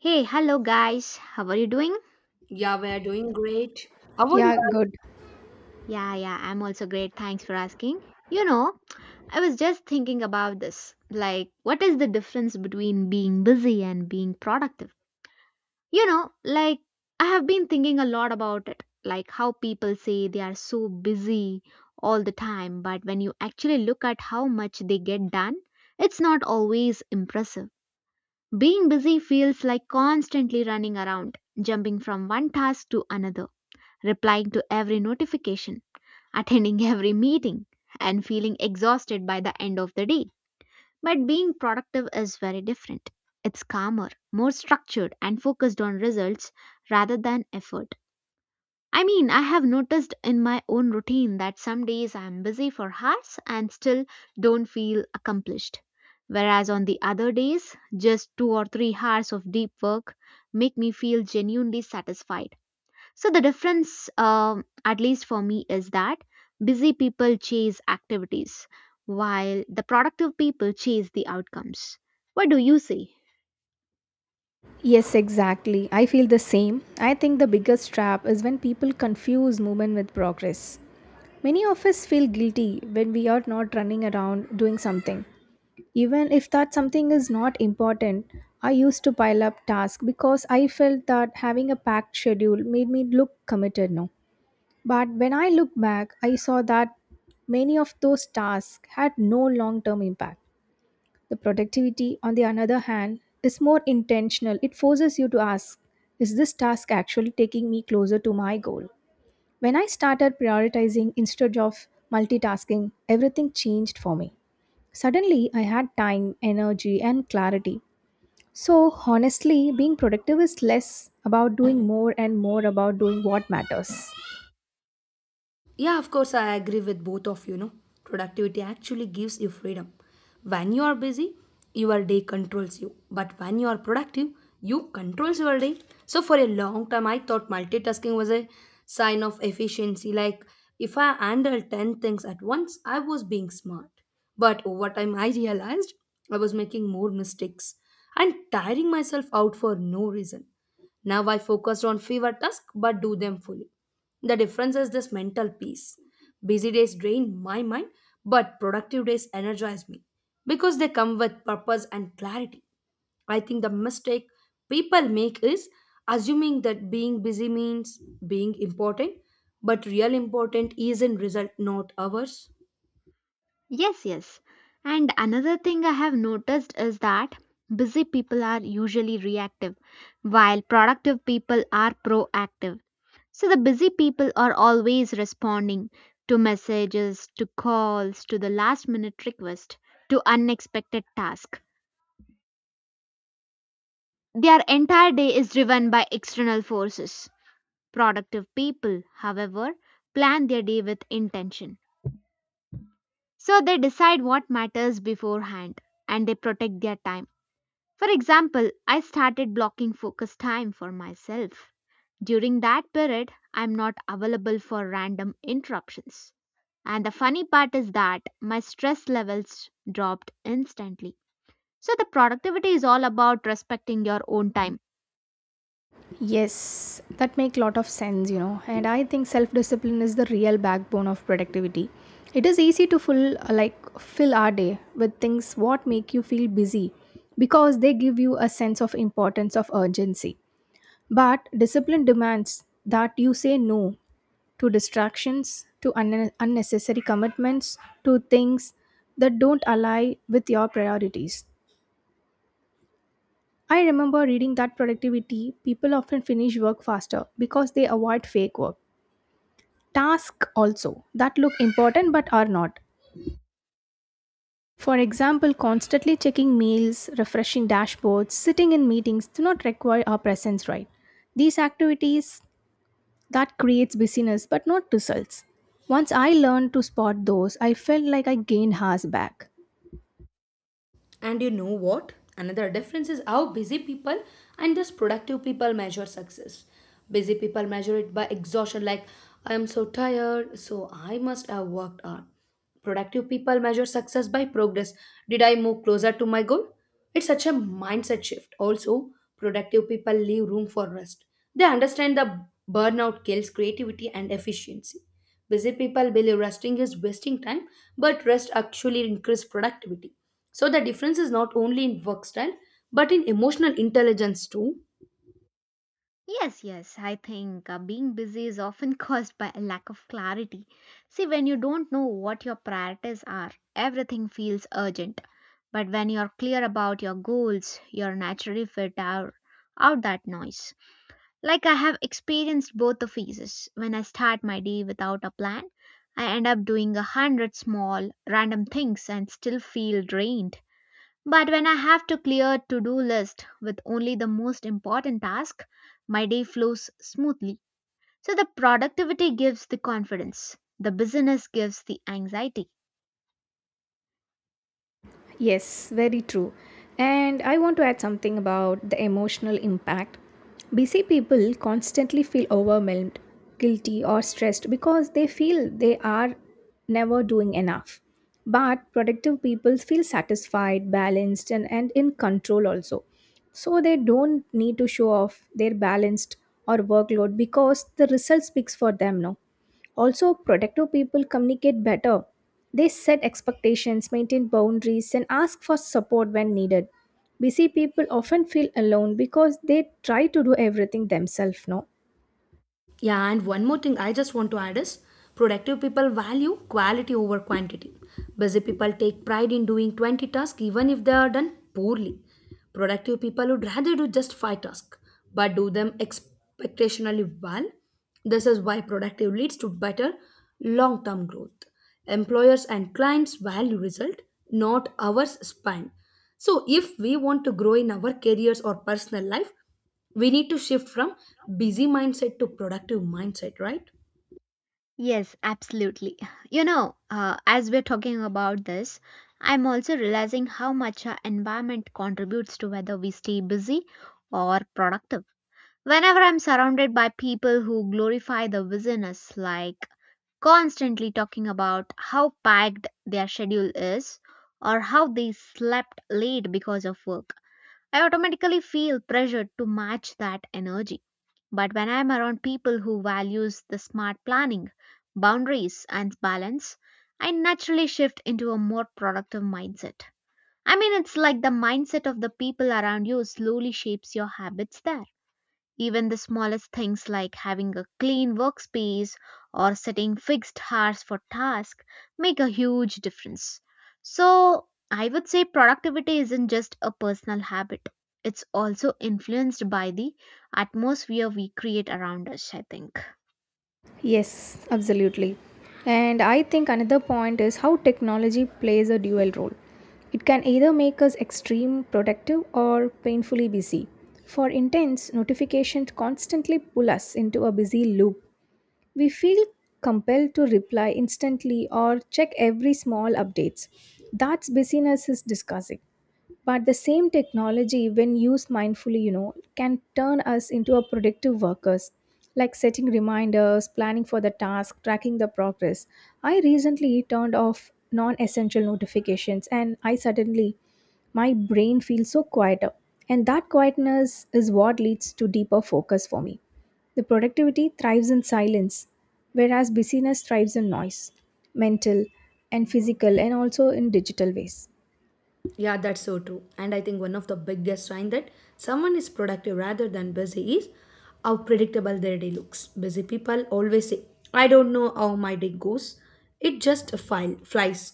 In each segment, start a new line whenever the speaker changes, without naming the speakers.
Hey, hello guys. How are you doing?
Yeah, we're doing great. How are
Yeah, good.
Yeah, yeah, I'm also great. Thanks for asking. You know, I was just thinking about this. Like, what is the difference between being busy and being productive? You know, like, I have been thinking a lot about it. Like, how people say they are so busy all the time, but when you actually look at how much they get done, it's not always impressive. Being busy feels like constantly running around, jumping from one task to another, replying to every notification, attending every meeting, and feeling exhausted by the end of the day. But being productive is very different. It's calmer, more structured, and focused on results rather than effort. I mean, I have noticed in my own routine that some days I'm busy for hours and still don't feel accomplished. Whereas on the other days, just 2 or 3 hours of deep work make me feel genuinely satisfied. So the difference, at least for me, is that busy people chase activities while the productive people chase the outcomes. What do you say?
Yes, exactly. I feel the same. I think the biggest trap is when people confuse movement with progress. Many of us feel guilty when we are not running around doing something. Even if that something is not important, I used to pile up tasks because I felt that having a packed schedule made me look committed now. But when I look back, I saw that many of those tasks had no long term impact. The productivity, on the other hand, is more intentional. It forces you to ask, is this task actually taking me closer to my goal? When I started prioritizing instead of multitasking, everything changed for me. Suddenly, I had time, energy, and clarity. So, honestly, being productive is less about doing more and more about doing what matters.
Yeah, of course, I agree with both of you. No, productivity actually gives you freedom. When you are busy, your day controls you. But when you are productive, you controls your day. So for a long time, I thought multitasking was a sign of efficiency. Like if I handle ten things at once, I was being smart. But over time, I realized I was making more mistakes and tiring myself out for no reason. Now I focused on fewer tasks but do them fully. The difference is this mental peace. Busy days drain my mind, but productive days energize me because they come with purpose and clarity. I think the mistake people make is assuming that being busy means being important, but real important is in result, not hours.
Yes, yes. And another thing I have noticed is that busy people are usually reactive while productive people are proactive. So the busy people are always responding to messages, to calls, to the last minute request, to unexpected tasks. Their entire day is driven by external forces. Productive people, however, plan their day with intention. So they decide what matters beforehand and they protect their time. For example, I started blocking focus time for myself. During that period, I'm not available for random interruptions. And the funny part is that my stress levels dropped instantly. So the productivity is all about respecting your own time.
Yes, that make lot of sense, you know. And I think self-discipline is the real backbone of productivity. It is easy to full like fill our day with things what make you feel busy because they give you a sense of importance of urgency. But discipline demands that you say no to distractions, to unnecessary commitments, to things that don't align with your priorities. I remember reading that productivity people often finish work faster because they avoid fake work. Tasks also that look important but are not. For example, constantly checking mails, refreshing dashboards, sitting in meetings do not require our presence, right? These activities that creates busyness but not results. Once I learned to spot those, I felt like I gained hours back.
And you know what? Another difference is how busy people and thus productive people measure success. Busy people measure it by exhaustion, like I am so tired, so I must have worked hard. Productive people measure success by progress. Did I move closer to my goal? It's such a mindset shift. Also, productive people leave room for rest. They understand the burnout kills creativity and efficiency. Busy people believe resting is wasting time, but rest actually increases productivity. So the difference is not only in work style, but in emotional intelligence too.
Yes, yes. I think being busy is often caused by a lack of clarity. See, when you don't know what your priorities are, everything feels urgent. But when you're clear about your goals, you're naturally fit out, out that noise. Like I have experienced both the phases. When I start my day without a plan, I end up doing a hundred small, random things and still feel drained. But when I have to clear to-do list with only the most important task, my day flows smoothly. So the productivity gives the confidence, the busyness gives the anxiety.
Yes, very true. And I want to add something about the emotional impact. Busy people constantly feel overwhelmed, guilty, or stressed because they feel they are never doing enough. But productive people feel satisfied, balanced, and in control also. So they don't need to show off their balanced or workload because the result speaks for them, no? Also, protective people communicate better. They set expectations, maintain boundaries, and ask for support when needed. Busy people often feel alone because they try to do everything themselves, no?
Yeah, and one more thing I just want to add is productive people value quality over quantity. Busy people take pride in doing 20 tasks even if they are done poorly. Productive people would rather do just 5 tasks but do them expectationally well. This is why productive leads to better long term growth. Employers and clients value result, not hours spent. So, if we want to grow in our careers or personal life, we need to shift from busy mindset to productive mindset, right?
Yes, absolutely. You know, as we're talking about this, I'm also realizing how much our environment contributes to whether we stay busy or productive. Whenever I'm surrounded by people who glorify the busyness, like constantly talking about how packed their schedule is or how they slept late because of work. I automatically feel pressured to match that energy. But when I'm around people who values the smart planning, boundaries and balance, I naturally shift into a more productive mindset. I mean, it's like the mindset of the people around you slowly shapes your habits there. Even the smallest things like having a clean workspace or setting fixed hours for tasks make a huge difference. So, I would say productivity isn't just a personal habit. It's also influenced by the atmosphere we create around us, I think.
Yes, absolutely. And I think another point is how technology plays a dual role. It can either make us extreme productive or painfully busy. For intense, notifications constantly pull us into a busy loop. We feel compelled to reply instantly or check every small updates. That's busyness is discussing. But the same technology, when used mindfully, you know, can turn us into a productive workers, like setting reminders, planning for the task, tracking the progress. I recently turned off non-essential notifications, and I suddenly my brain feels so quieter, and that quietness is what leads to deeper focus for me. The productivity thrives in silence, whereas busyness thrives in noise, mental and physical, and also in digital ways.
Yeah, that's so true, and I think one of the biggest sign that someone is productive rather than busy is how predictable their day looks. Busy people always say, I don't know how my day goes, it just file flies.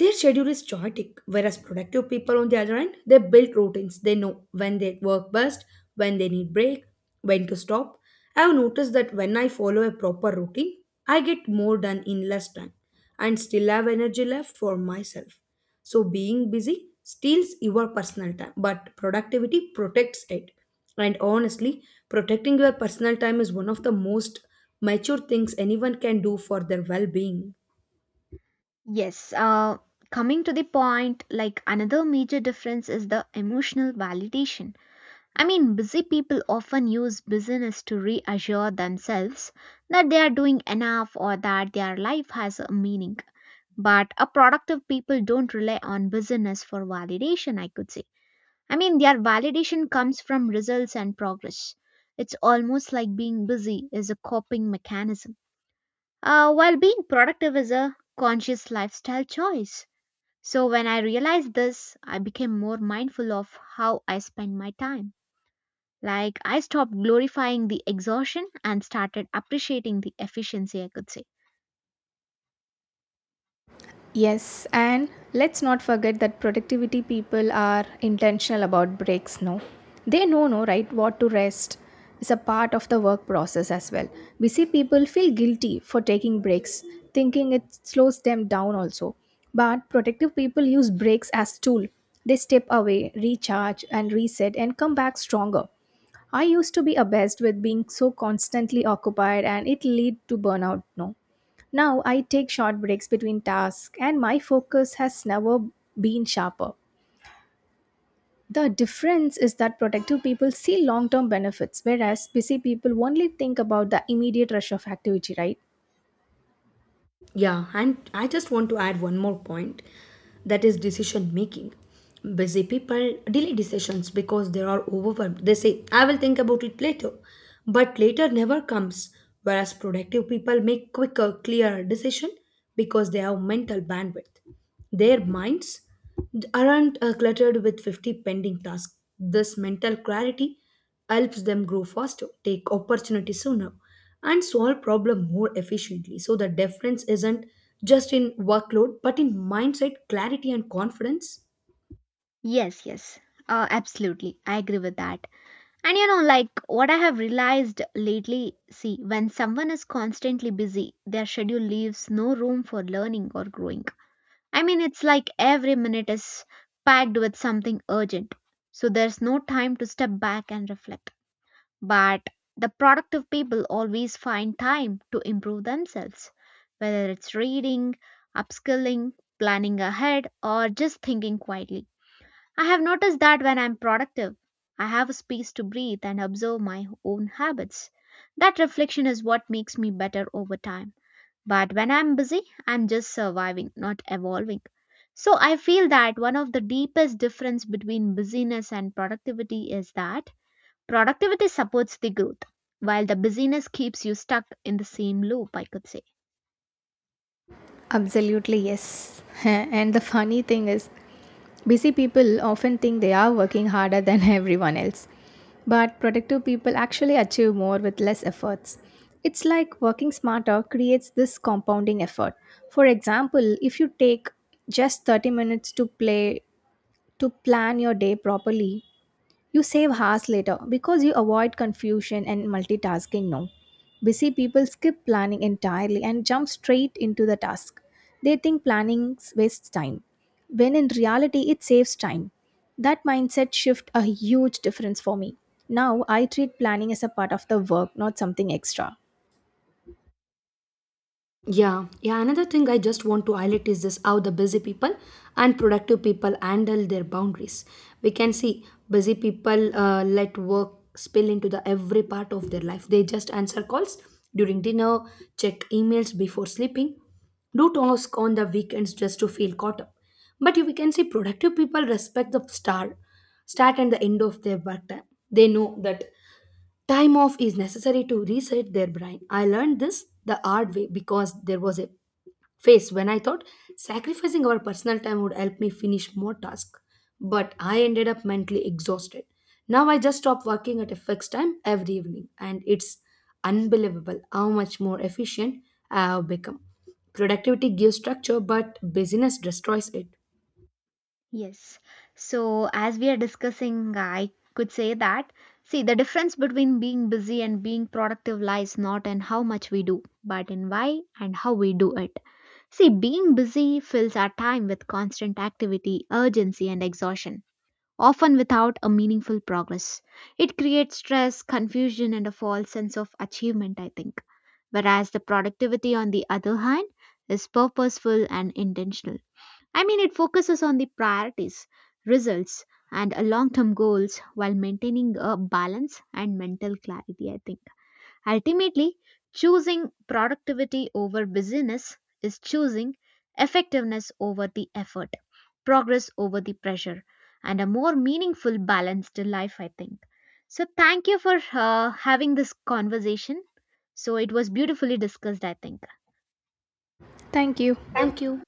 Their schedule is chaotic, whereas productive people, on the other hand, they build routines. They know when they work best, when they need break, when to stop. I have noticed that when I follow a proper routine, I get more done in less time and still have energy left for myself. So being busy steals your personal time, but productivity protects it. And honestly, protecting your personal time is one of the most mature things anyone can do for their well being.
Yes, coming to the point, like another major difference is the emotional validation. I mean, busy people often use busyness to reassure themselves that they are doing enough or that their life has a meaning. But a productive people don't rely on busyness for validation, I could say. I mean, their validation comes from results and progress. It's almost like being busy is a coping mechanism, while being productive is a conscious lifestyle choice. So, when I realized this, I became more mindful of how I spend my time. Like, I stopped glorifying the exhaustion and started appreciating the efficiency, I could say.
Yes, and let's not forget that productivity people are intentional about breaks, no? They know, no, right, what to rest is a part of the work process as well. Busy people feel guilty for taking breaks, thinking it slows them down also. But productive people use breaks as tool. They step away, recharge and reset and come back stronger. I used to be obsessed with being so constantly occupied and it lead to burnout, no? Now I take short breaks between tasks and my focus has never been sharper. The difference is that productive people see long term benefits, whereas busy people only think about the immediate rush of activity, right?
Yeah, and I just want to add one more point, that is decision making. Busy people delay decisions because they are overwhelmed. They say, I will think about it later. But later never comes, whereas productive people make quicker, clearer decision because they have mental bandwidth. Their minds aren't cluttered with 50 pending tasks. This mental clarity helps them grow faster, take opportunities sooner, and solve problems more efficiently. So the difference isn't just in workload, but in mindset, clarity, and confidence.
Yes, yes. Absolutely. I agree with that. And you know, like what I have realized lately, see, when someone is constantly busy, their schedule leaves no room for learning or growing. I mean, it's like every minute is packed with something urgent. So there's no time to step back and reflect. But the productive people always find time to improve themselves, whether it's reading, upskilling, planning ahead, or just thinking quietly. I have noticed that when I'm productive, I have a space to breathe and observe my own habits. That reflection is what makes me better over time. But when I'm busy, I'm just surviving, not evolving. So I feel that one of the deepest difference between busyness and productivity is that productivity supports the growth, while the busyness keeps you stuck in the same loop, I could say.
Absolutely, yes. And the funny thing is, busy people often think they are working harder than everyone else, but productive people actually achieve more with less efforts. It's like working smarter creates this compounding effort. For example, if you take just 30 minutes to play to plan your day properly, you save hours later because you avoid confusion and multitasking now. Busy people skip planning entirely and jump straight into the task. They think planning wastes time, when in reality, it saves time. That mindset shift a huge difference for me. Now I treat planning as a part of the work, not something extra.
Yeah, yeah. Another thing I just want to highlight is this, how the busy people and productive people handle their boundaries. We can see busy people let work spill into the every part of their life. They just answer calls during dinner, check emails before sleeping, do task on the weekends just to feel caught up. But you we can see productive people respect the start and the end of their work time. They know that time off is necessary to reset their brain. I learned this the hard way because there was a phase when I thought sacrificing our personal time would help me finish more tasks, but I ended up mentally exhausted. Now I just stop working at a fixed time every evening, and it's unbelievable how much more efficient I have become. Productivity gives structure, but busyness destroys it.
Yes. So, as we are discussing, I could say that see, the difference between being busy and being productive lies not in how much we do, but in why and how we do it. See, being busy fills our time with constant activity, urgency, and exhaustion, often without a meaningful progress. It creates stress, confusion, and a false sense of achievement, I think. Whereas the productivity, on the other hand, is purposeful and intentional. I mean, it focuses on the priorities, results, and long term goals while maintaining a balance and mental clarity, I think. Ultimately, choosing productivity over busyness is choosing effectiveness over the effort, progress over the pressure, and a more meaningful, balanced life, I think. So, thank you for having this conversation. So, it was beautifully discussed, I think.
Thank you.
Thank you.